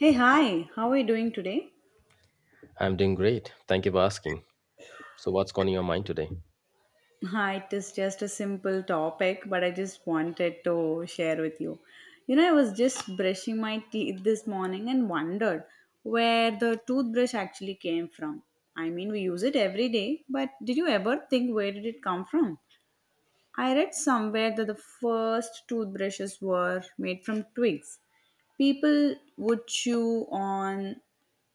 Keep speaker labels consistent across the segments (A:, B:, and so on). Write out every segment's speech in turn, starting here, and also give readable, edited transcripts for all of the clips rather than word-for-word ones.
A: Hey, hi, how are you doing today?
B: I'm doing great. Thank you for asking. So, what's on your mind today?
A: Hi, it is just a simple topic, but I just wanted to share with you. You know, I was just brushing my teeth this morning and wondered where the toothbrush actually came from. I mean, we use it every day, but did you ever think where did it come from? I read somewhere that the first toothbrushes were made from twigs. People would chew on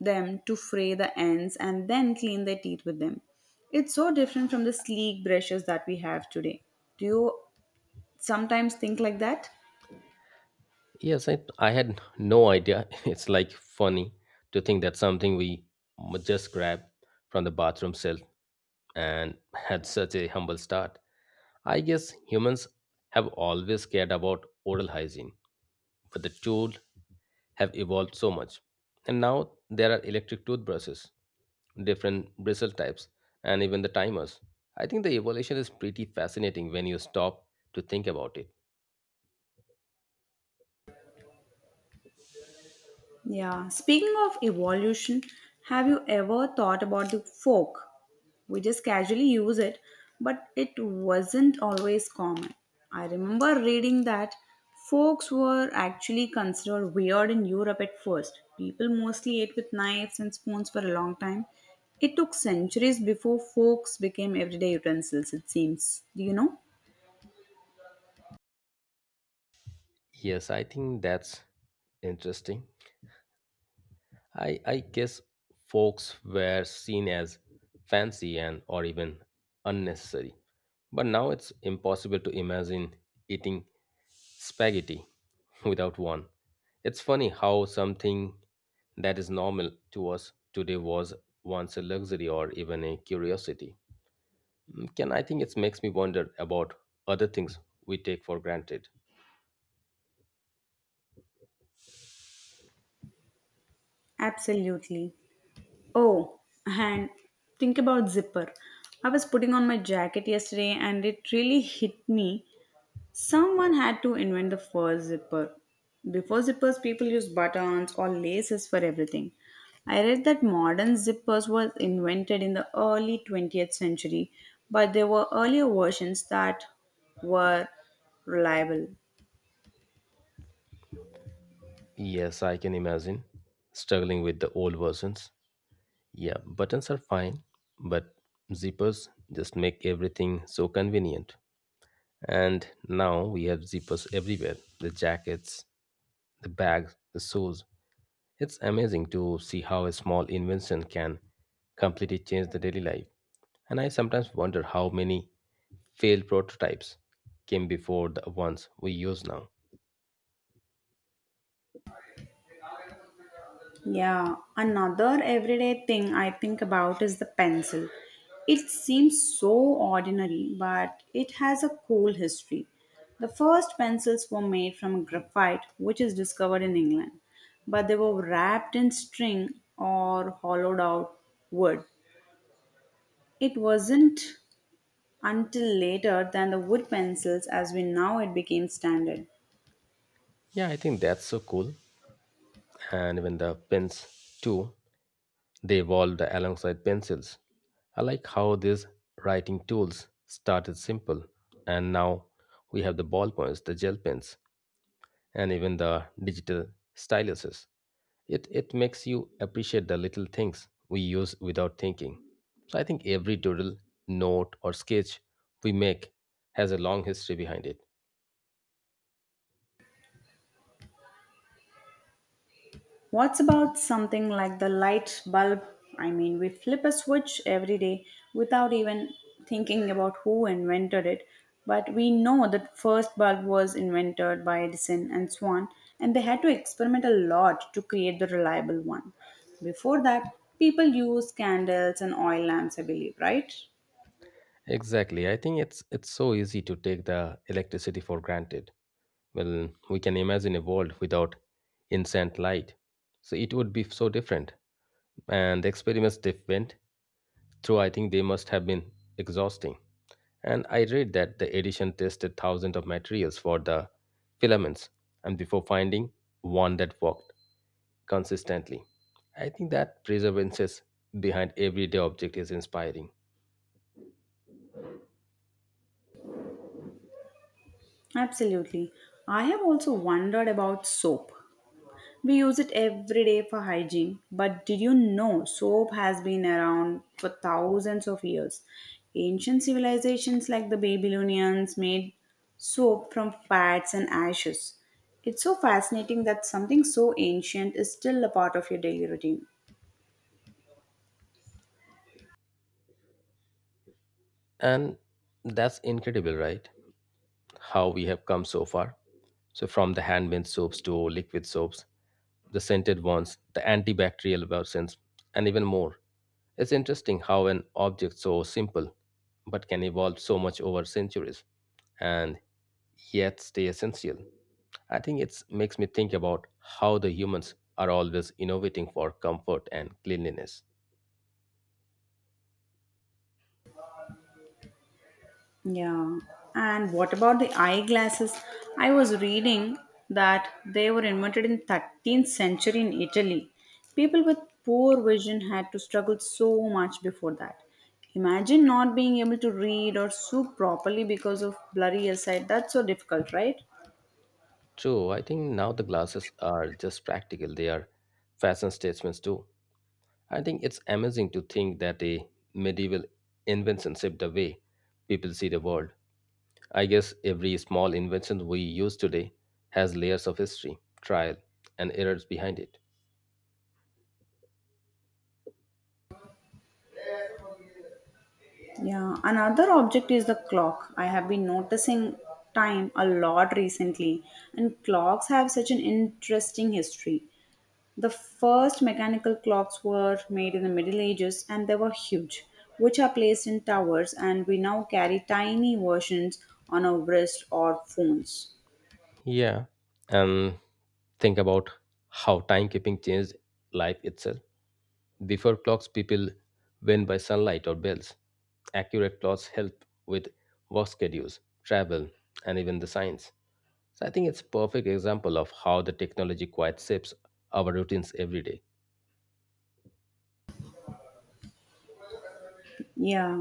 A: them to fray the ends and then clean their teeth with them. It's so different from the sleek brushes that we have today. Do you sometimes think like that?
B: Yes, I had no idea. It's like funny to think that something we just grabbed from the bathroom shelf and had such a humble start. I guess humans have always cared about oral hygiene, but the tools have evolved so much. And now there are electric toothbrushes, different bristle types, and even the timers. I think the evolution is pretty fascinating when you stop to think about it.
A: Yeah. Speaking of evolution, have you ever thought about the fork? We just casually use it, but it wasn't always common. I remember reading that forks were actually considered weird in Europe at first. People mostly ate with knives and spoons for a long time. It took centuries before forks became everyday utensils, it seems. Do you know?
B: Yes, I think that's interesting. I guess folks were seen as fancy and or even unnecessary. But now it's impossible to imagine eating spaghetti without one. It's funny how something that is normal to us today was once a luxury or even a curiosity. Can I think it makes me wonder about other things we take for granted.
A: Absolutely. Oh, and think about zipper. I was putting on my jacket yesterday and it really hit me. Someone had to invent the first zipper. Before zippers, people used buttons or laces for everything. I read that modern zippers were invented in the early 20th century, but there were earlier versions that were reliable.
B: Yes, I can imagine struggling with the old versions. Yeah, buttons are fine, but zippers just make everything so convenient. And now we have zippers everywhere, the jackets, the bags, the shoes. It's amazing to see how a small invention can completely change the daily life. And I sometimes wonder how many failed prototypes came before the ones we use now.
A: Yeah, another everyday thing I think about is the pencil. It seems so ordinary, but it has a cool history. The first pencils were made from graphite, which is discovered in England, but they were wrapped in string or hollowed out wood. It wasn't until later than the wood pencils as we know it became standard.
B: Yeah, I think that's so cool. And even the pins too. They evolved alongside pencils. I like how these writing tools started simple and now we have the ballpoints, the gel pens, and even the digital styluses. It makes you appreciate the little things we use without thinking. So I think every doodle, note, or sketch we make has a long history behind it.
A: What's about something like the light bulb? I mean, we flip a switch every day without even thinking about who invented it, but we know that first bulb was invented by Edison and Swan, and they had to experiment a lot to create the reliable one. Before that, people used candles and oil lamps, I believe, right?
B: Exactly. I think it's so easy to take the electricity for granted. Well, we can imagine a world without incandescent light. So it would be so different. And the experiments they went through, I think they must have been exhausting. And I read that the edition tested thousands of materials for the filaments and before finding one that worked consistently. I think that perseverance behind everyday object is inspiring.
A: Absolutely. I have also wondered about soap. We use it every day for hygiene. But did you know soap has been around for thousands of years? Ancient civilizations like the Babylonians made soap from fats and ashes. It's so fascinating that something so ancient is still a part of your daily routine.
B: And that's incredible, right? How we have come so far. So, from the handmade soaps to liquid soaps, the scented ones, the antibacterial versions, and even more. It's interesting how an object so simple but can evolve so much over centuries and yet stay essential. I think it makes me think about how the humans are always innovating for comfort and cleanliness.
A: Yeah. And what about the eyeglasses? I was reading that they were invented in 13th century in Italy. People with poor vision had to struggle so much before that. Imagine not being able to read or soup properly because of blurry eyesight. That's so difficult, right?
B: True, I think now the glasses are just practical, they are fashion statements too. I think it's amazing to think that a medieval invention shaped the way people see the world. I guess every small invention we use today has layers of history, trial, and errors behind it.
A: Yeah, another object is the clock. I have been noticing time a lot recently, and clocks have such an interesting history. The first mechanical clocks were made in the Middle Ages and they were huge, which are placed in towers, and we now carry tiny versions on our wrist or phones.
B: Yeah, and think about how timekeeping changed life itself. Before clocks, people went by sunlight or bells. Accurate clocks help with work schedules, travel, and even the science. So I think it's perfect example of how the technology quite shapes our routines every day.
A: Yeah.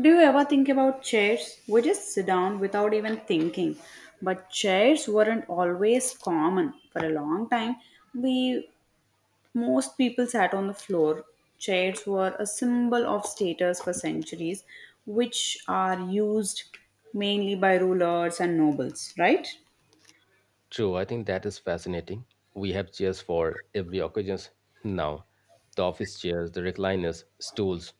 A: Do you ever think about chairs? We just sit down without even thinking. But chairs weren't always common. For a long time, we most people sat on the floor. Chairs were a symbol of status for centuries, which are used mainly by rulers and nobles, right?
B: True, I think that is fascinating. We have chairs for every occasion now. The office chairs, the recliners, stools.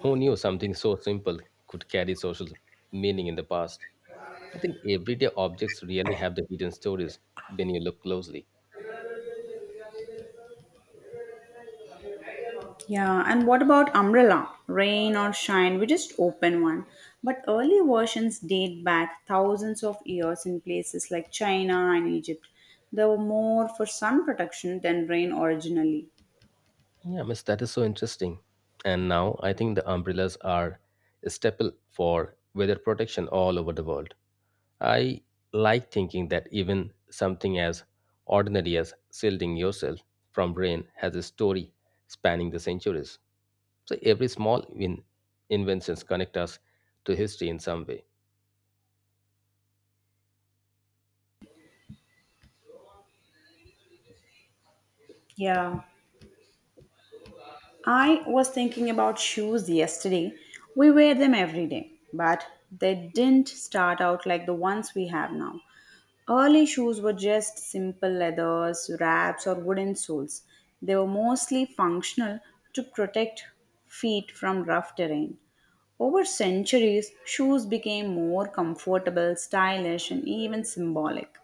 B: Who knew something so simple could carry social meaning in the past? I think everyday objects really have the hidden stories when you look closely.
A: Yeah, and what about umbrella? Rain or shine, we just open one. But early versions date back thousands of years in places like China and Egypt. They were more for sun protection than rain originally.
B: Yeah, miss, that is so interesting. And now I think the umbrellas are a staple for weather protection all over the world. I like thinking that even something as ordinary as shielding yourself from rain has a story spanning the centuries. So every small win inventions connect us to history in some way.
A: Yeah. I was thinking about shoes yesterday. We wear them every day, but they didn't start out like the ones we have now. Early shoes were just simple leathers, wraps, or wooden soles. They were mostly functional to protect feet from rough terrain. Over centuries, shoes became more comfortable, stylish, and even symbolic.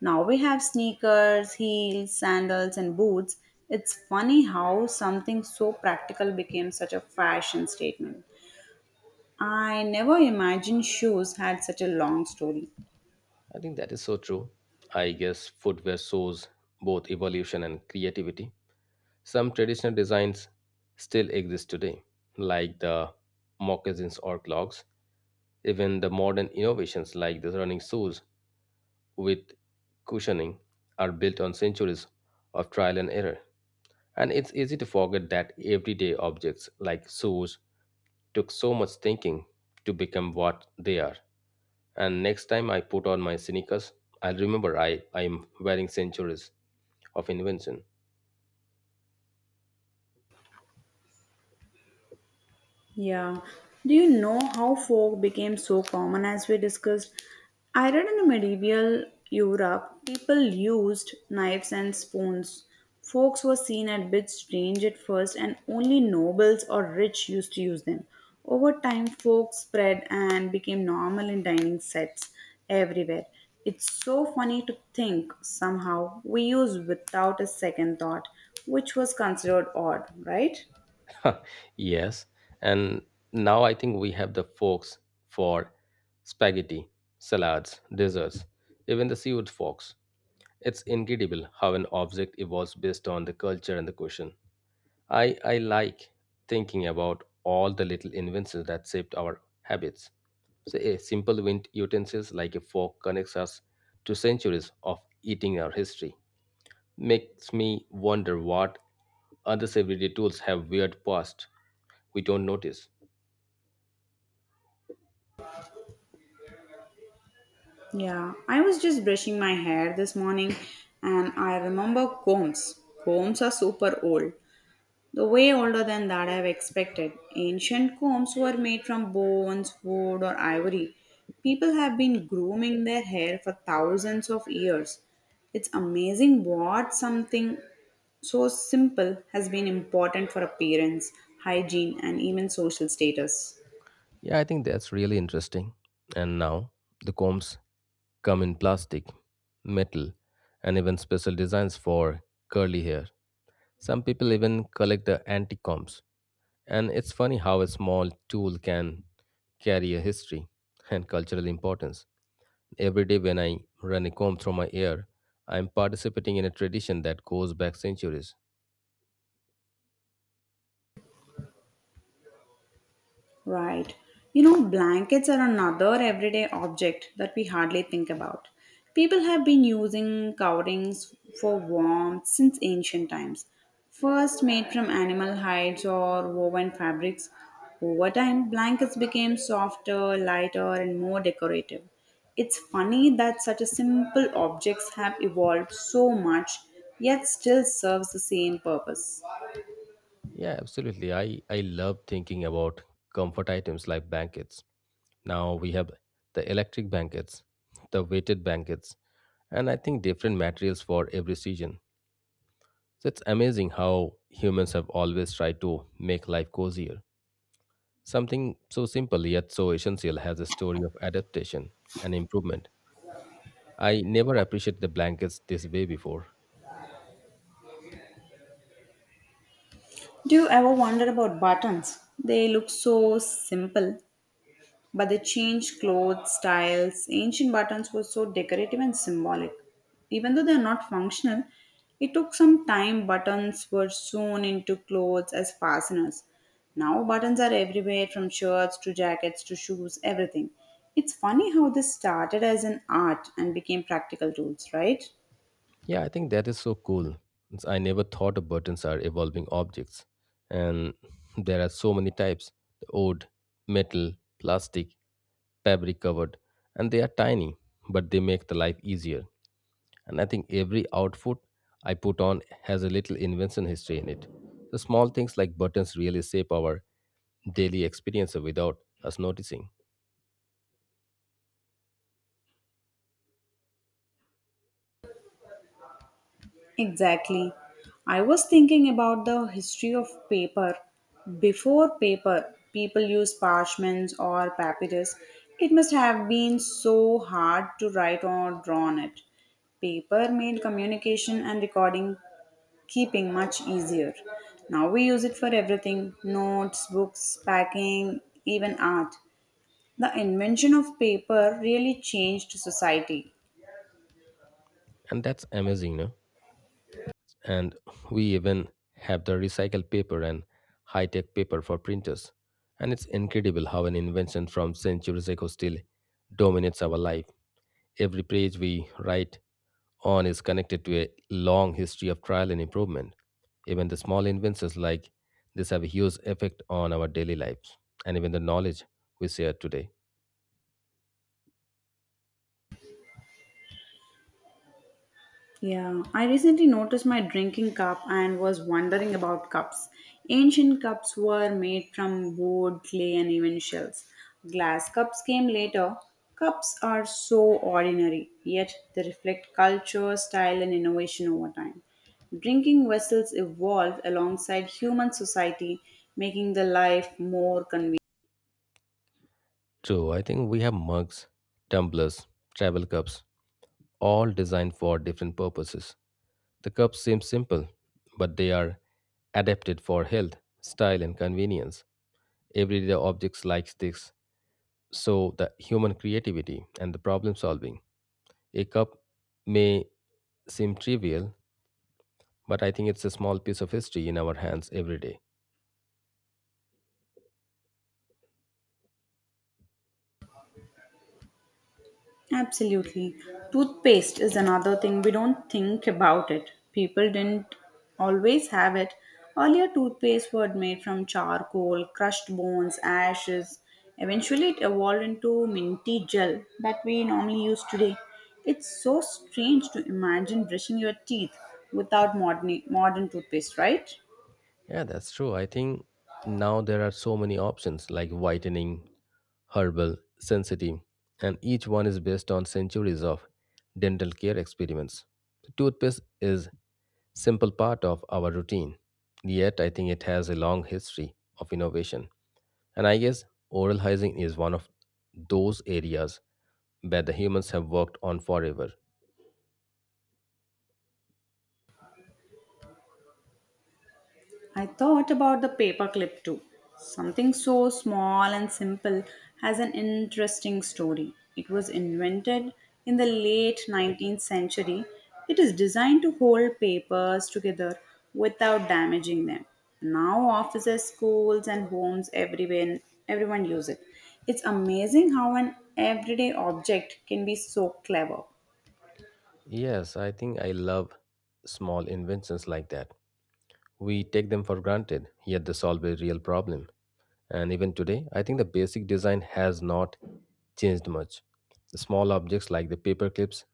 A: Now we have sneakers, heels, sandals, and boots. It's funny how something so practical became such a fashion statement. I never imagined shoes had such a long story.
B: I think that is so true. I guess footwear shows both evolution and creativity. Some traditional designs still exist today, like the moccasins or clogs. Even the modern innovations like the running shoes with cushioning are built on centuries of trial and error. And it's easy to forget that everyday objects like shoes took so much thinking to become what they are. And next time I put on my sneakers, I'll remember I'm wearing centuries of invention.
A: Yeah. Do you know how folk became so common as we discussed? I read in the medieval Europe, people used knives and spoons. Forks were seen a bit strange at first, and only nobles or rich used to use them. Over time, forks spread and became normal in dining sets everywhere. It's so funny to think somehow we use without a second thought, which was considered odd, right?
B: Yes. And now I think we have the forks for spaghetti, salads, desserts, even the seafood forks. It's incredible how an object evolves based on the culture and the question. I like thinking about all the little inventions that shaped our habits. So a simple wind utensils like a fork connects us to centuries of eating our history. Makes me wonder what other everyday tools have weird past we don't notice.
A: Yeah, I was just brushing my hair this morning and I remember combs. Combs are super old, the way older than that I've expected. Ancient combs were made from bones, wood, or ivory. People have been grooming their hair for thousands of years. It's amazing what something so simple has been important for appearance, hygiene, and even social status.
B: Yeah, I think that's really interesting. And now the combs come in plastic, metal, and even special designs for curly hair. Some people even collect the antique combs. And it's funny how a small tool can carry a history and cultural importance. Every day when I run a comb through my hair, I'm participating in a tradition that goes back centuries.
A: Right. You know, blankets are another everyday object that we hardly think about. People have been using coverings for warmth since ancient times. First made from animal hides or woven fabrics, over time blankets became softer, lighter, and more decorative. It's funny that such a simple objects have evolved so much yet still serves the same purpose.
B: Yeah, absolutely. I love thinking about comfort items like blankets. Now we have the electric blankets, the weighted blankets, and I think different materials for every season. So it's amazing how humans have always tried to make life cozier. Something so simple yet so essential has a story of adaptation and improvement. I never appreciated the blankets this way before.
A: Do you ever wonder about buttons? They look so simple, but they changed clothes, styles. Ancient buttons were so decorative and symbolic. Even though they are not functional, it took some time. Buttons were sewn into clothes as fasteners. Now buttons are everywhere from shirts to jackets to shoes, everything. It's funny how this started as an art and became practical tools, right?
B: Yeah, I think that is so cool. It's- I never thought of buttons are evolving objects. And there are so many types, the old, metal, plastic, fabric covered. And they are tiny, but they make the life easier. And I think every outfit I put on has a little invention history in it. The small things like buttons really shape our daily experience without us noticing.
A: Exactly. I was thinking about the history of paper. Before paper, people used parchments or papyrus. It must have been so hard to write or draw on it. Paper made communication and recording keeping much easier. Now we use it for everything, notes, books, packing, even art. The invention of paper really changed society.
B: And that's amazing, no? And we even have the recycled paper and high-tech paper for printers, and it's incredible how an invention from centuries ago still dominates our life. Every page we write on is connected to a long history of trial and improvement. Even the small inventions like this have a huge effect on our daily lives and even the knowledge we share today.
A: Yeah, I recently noticed my drinking cup and was wondering about cups. Ancient cups were made from wood, clay, and even shells. Glass cups came later. Cups are so ordinary, yet they reflect culture, style, and innovation over time. Drinking vessels evolved alongside human society, making the life more convenient.
B: True, I think we have mugs, tumblers, travel cups, all designed for different purposes. The cups seem simple, but they are adapted for health, style, and convenience. Everyday objects like sticks show the human creativity and the problem solving. A cup may seem trivial, but I think it's a small piece of history in our hands every day.
A: Absolutely. Toothpaste is another thing we don't think about it. People didn't always have it. Earlier, toothpaste were made from charcoal, crushed bones, ashes. Eventually, it evolved into minty gel that we normally use today. It's so strange to imagine brushing your teeth without modern toothpaste, right?
B: Yeah, that's true. I think now there are so many options like whitening, herbal, sensitive, and each one is based on centuries of dental care experiments. Toothpaste is simple part of our routine. Yet, I think it has a long history of innovation. And I guess oral hygiene is one of those areas where the humans have worked on forever.
A: I thought about the paperclip too. Something so small and simple has an interesting story. It was invented in the late 19th century. It is designed to hold papers together without damaging them. Now offices, schools and homes everywhere, everyone use it. It's amazing how an everyday object can be so clever.
B: Yes, I think I love small inventions like that. We take them for granted, yet they solve a real problem. And even today, I think the basic design has not changed much. The small objects like the paper clips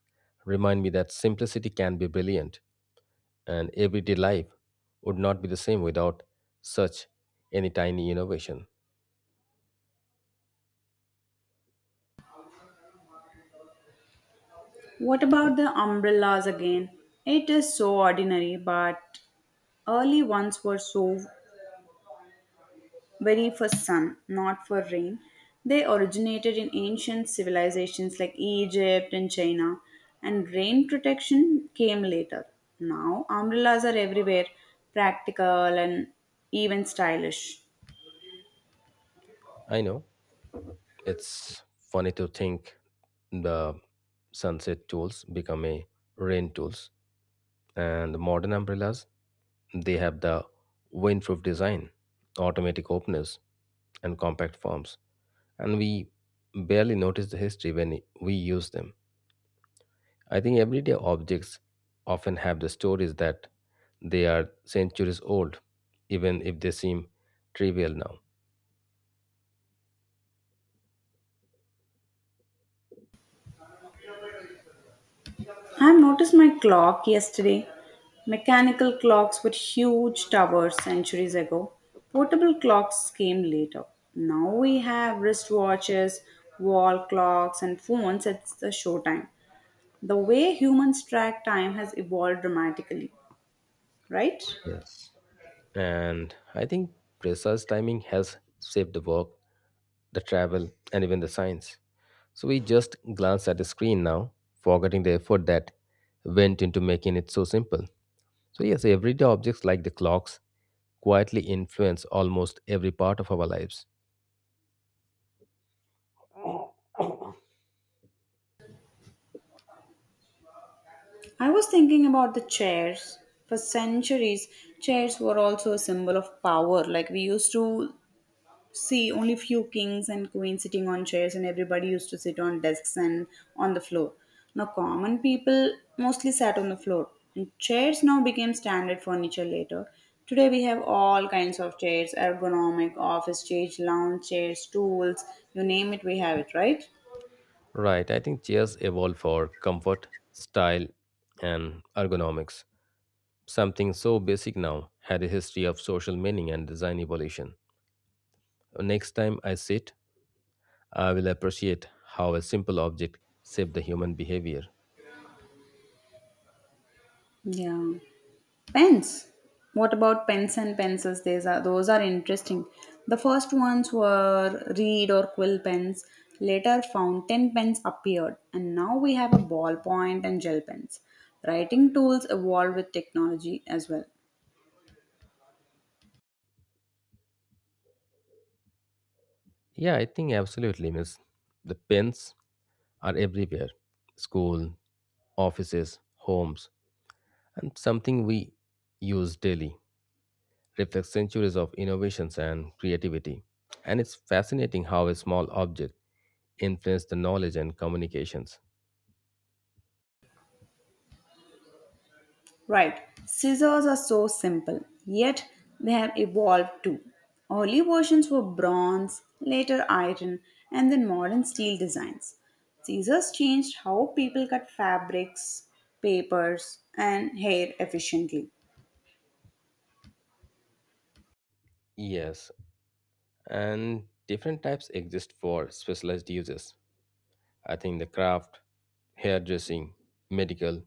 B: remind me that simplicity can be brilliant. And everyday life would not be the same without such any tiny innovation.
A: What about the umbrellas again? It is so ordinary, but early ones were so very for sun, not for rain. They originated in ancient civilizations like Egypt and China, and rain protection came later. Now, umbrellas are everywhere, practical and even stylish.
B: I know it's funny to think the sunset tools become a rain tools, and the modern umbrellas, they have the windproof design, automatic openers and compact forms, and we barely notice the history when we use them. I think everyday objects often have the stories that they are centuries old, even if they seem trivial now.
A: I've noticed my clock yesterday. Mechanical clocks were huge towers centuries ago. Portable clocks came later. Now we have wristwatches, wall clocks, and phones at the showtime. The way humans track time has evolved dramatically, right?
B: Yes. And I think precise timing has saved the work, the travel, and even the science. So we just glance at the screen now, forgetting the effort that went into making it so simple. So, yes, everyday objects like the clocks quietly influence almost every part of our lives.
A: I was thinking about the chairs. For centuries, chairs were also a symbol of power. Like we used to see, only few kings and queens sitting on chairs, and everybody used to sit on desks and on the floor. Now, common people mostly sat on the floor, and chairs now became standard furniture later. Today, we have all kinds of chairs, ergonomic, office chairs, lounge chairs, stools, you name it, we have it, right?
B: Right, I think chairs evolved for comfort, style, and ergonomics. Something so basic now had a history of social meaning and design evolution. Next time I sit, I will appreciate how a simple object shaped the human behavior.
A: Yeah. Pens. What about pens and pencils? These are those are interesting. The first ones were reed or quill pens. Later, fountain pens appeared, and now we have a ballpoint and gel pens. Writing tools evolved with technology as well.
B: Yeah, I think absolutely, miss. The pens are everywhere, school, offices, homes, and something we use daily reflects centuries of innovations and creativity. And it's fascinating how a small object influenced the knowledge and communications.
A: Right, scissors are so simple, yet they have evolved too. Early versions were bronze, later iron, and then modern steel designs. Scissors changed how people cut fabrics, papers, and hair efficiently.
B: Yes, and different types exist for specialized uses. I think the craft, hairdressing, medical,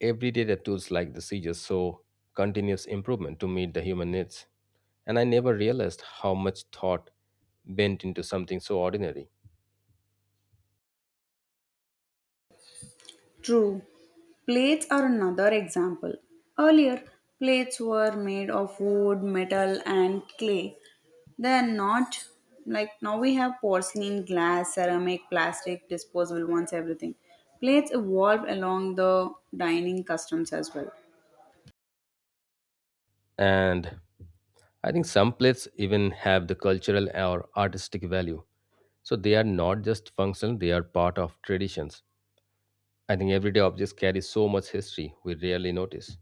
B: everyday the tools like the scissors show continuous improvement to meet the human needs. And I never realized how much thought went into something so ordinary.
A: True. Plates are another example. Earlier, plates were made of wood, metal, and clay. They are not like now we have porcelain, glass, ceramic, plastic, disposable ones, everything. Plates evolved along the dining customs as well.
B: And I think some plates even have the cultural or artistic value. So they are not just functional, they are part of traditions. I think everyday objects carry so much history we rarely notice.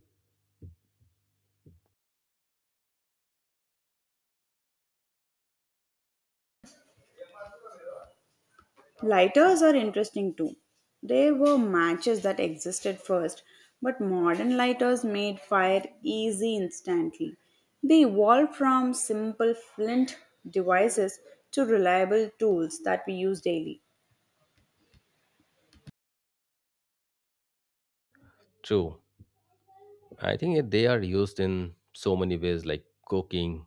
A: Lighters are interesting too. They were matches that existed first, but modern lighters made fire easy instantly. They evolved from simple flint devices to reliable tools that we use daily.
B: True. I think they are used in so many ways like cooking,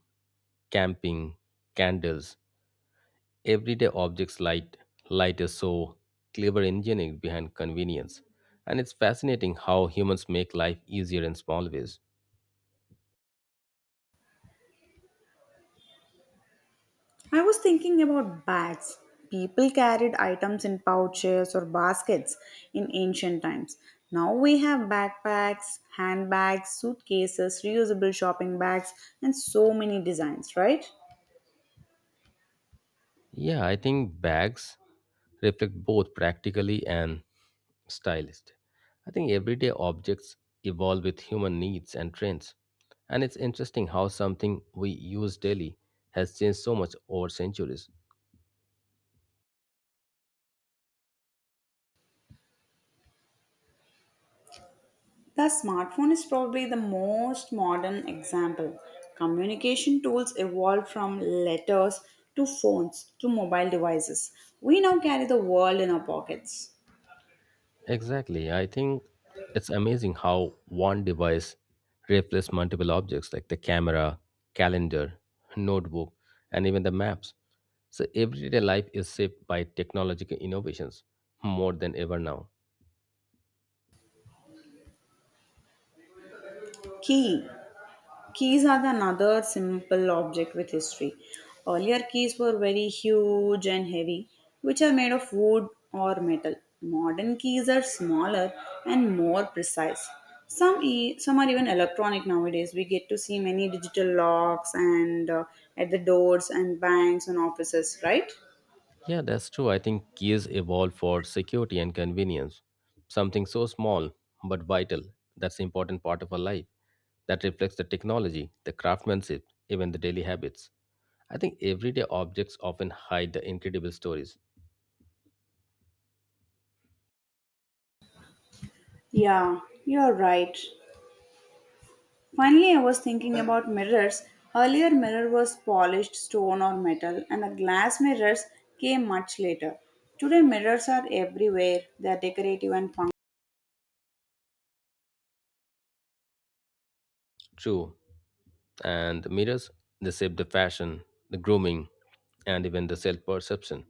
B: camping, candles. Everyday objects light is so clever engineering behind convenience. And it's fascinating how humans make life easier in small ways.
A: I was thinking about bags. People carried items in pouches or baskets in ancient times. Now we have backpacks, handbags, suitcases, reusable shopping bags, and so many designs, right?
B: Yeah, I think bags reflect both practically and Stylist. I think everyday objects evolve with human needs and trends. And it's interesting how something we use daily has changed so much over centuries.
A: The smartphone is probably the most modern example. Communication tools evolved from letters to phones to mobile devices. We now carry the world in our pockets.
B: Exactly. I think it's amazing how one device replaces multiple objects like the camera, calendar, notebook, and even the maps. So everyday life is shaped by technological innovations more than ever now.
A: Key. Keys are the another simple object with history. Earlier keys were very huge and heavy, which are made of wood or metal. Modern keys are smaller and more precise. Some are even electronic nowadays. We get to see many digital locks and at the doors and banks and offices, right?
B: Yeah, that's true. I think keys evolved for security and convenience. Something so small but vital, that's the important part of our life that reflects the technology, the craftsmanship, even the daily habits. I think everyday objects often hide the incredible stories.
A: Yeah, you're right. Finally, I was thinking about mirrors. Earlier, mirror was polished stone or metal, and the glass mirrors came much later. Today, mirrors are everywhere. They are decorative and functional.
B: True. And mirrors, they shape the fashion, the grooming, and even the self perception.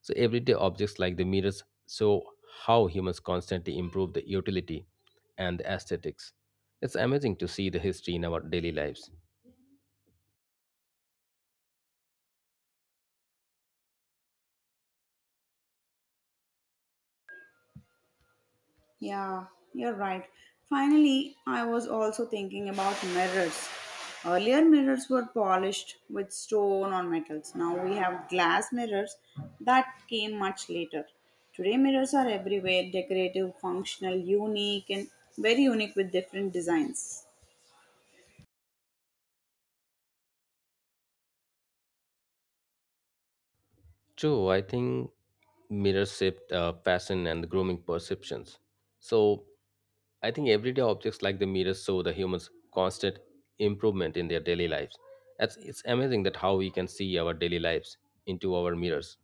B: So everyday objects like the mirrors show how humans constantly improve the utility and the aesthetics. It's amazing to see the history in our daily lives.
A: Yeah, you're right. Finally, I was also thinking about mirrors. Earlier, mirrors were polished with stone or metals. Now we have glass mirrors that came much later. Today, mirrors are everywhere, decorative, functional, unique, and very unique with different designs.
B: True, I think mirrors shaped fashion and the grooming perceptions. So I think everyday objects like the mirrors show the humans constant improvement in their daily lives. It's amazing that how we can see our daily lives into our mirrors.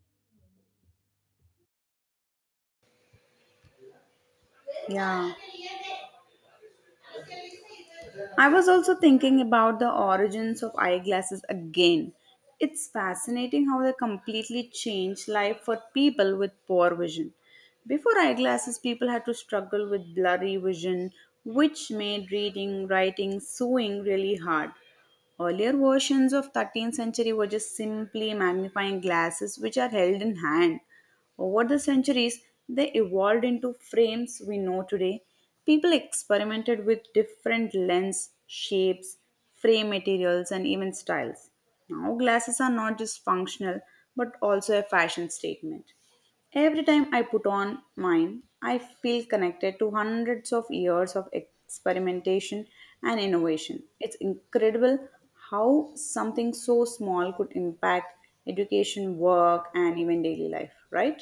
A: Yeah. I was also thinking about the origins of eyeglasses again. It's fascinating how they completely changed life for people with poor vision. Before eyeglasses, people had to struggle with blurry vision, which made reading, writing, sewing really hard. Earlier versions of 13th century were just simply magnifying glasses which are held in hand. Over the centuries, they evolved into frames we know today. People experimented with different lens shapes, frame materials, and even styles. Now, glasses are not just functional but also a fashion statement. Every time I put on mine, I feel connected to hundreds of years of experimentation and innovation. It's incredible how something so small could impact education, work, and even daily life, right?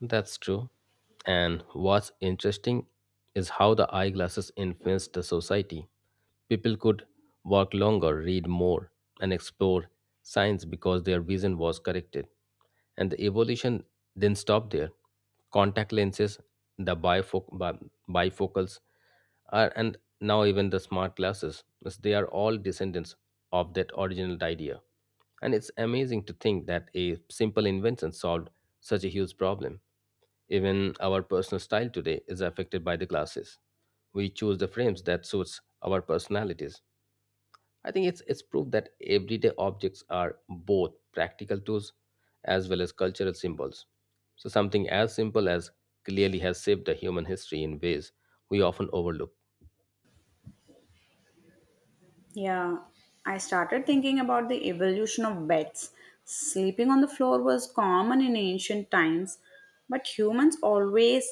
B: That's true. And what's interesting is how the eyeglasses influenced the society. People could work longer, read more, and explore science because their vision was corrected. And the evolution didn't stop there. Contact lenses, the bifocals, are, and now even the smart glasses, as they are all descendants of that original idea. And it's amazing to think that a simple invention solved such a huge problem. Even our personal style today is affected by the glasses. We choose the frames that suits our personalities. I think it's proof that everyday objects are both practical tools as well as cultural symbols. So something as simple as clearly has shaped the human history in ways we often overlook.
A: Yeah, I started thinking about the evolution of beds. Sleeping on the floor was common in ancient times, but humans always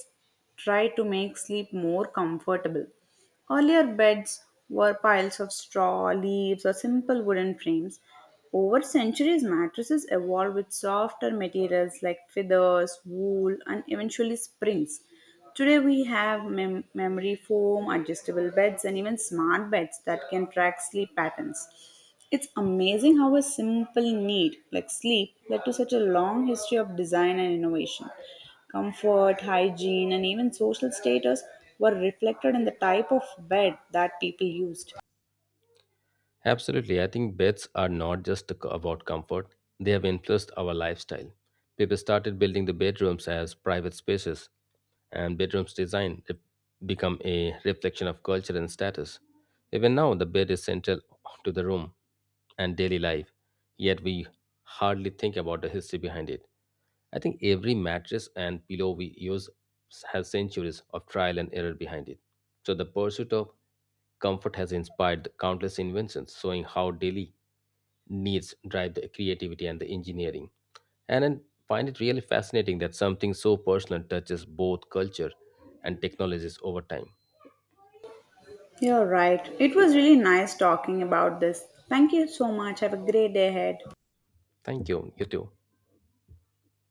A: tried to make sleep more comfortable. Earlier beds were piles of straw, leaves, or simple wooden frames. Over centuries, mattresses evolved with softer materials like feathers, wool, and eventually springs. Today we have memory foam, adjustable beds, and even smart beds that can track sleep patterns. It's amazing how a simple need like sleep led to such a long history of design and innovation. Comfort, hygiene, and even social status were reflected in the type of bed that people used.
B: Absolutely. I think beds are not just about comfort, they have influenced our lifestyle. People started building the bedrooms as private spaces, and bedrooms design become a reflection of culture and status. Even now, the bed is central to the room and daily life, yet we hardly think about the history behind it. I think every mattress and pillow we use has centuries of trial and error behind it. So, the pursuit of Comfort has inspired countless inventions, showing how daily needs drive the creativity and the engineering. And I find it really fascinating that something so personal touches both culture and technologies over time.
A: You're right. It was really nice talking about this. Thank you so much. Have a great day ahead.
B: Thank you. You too.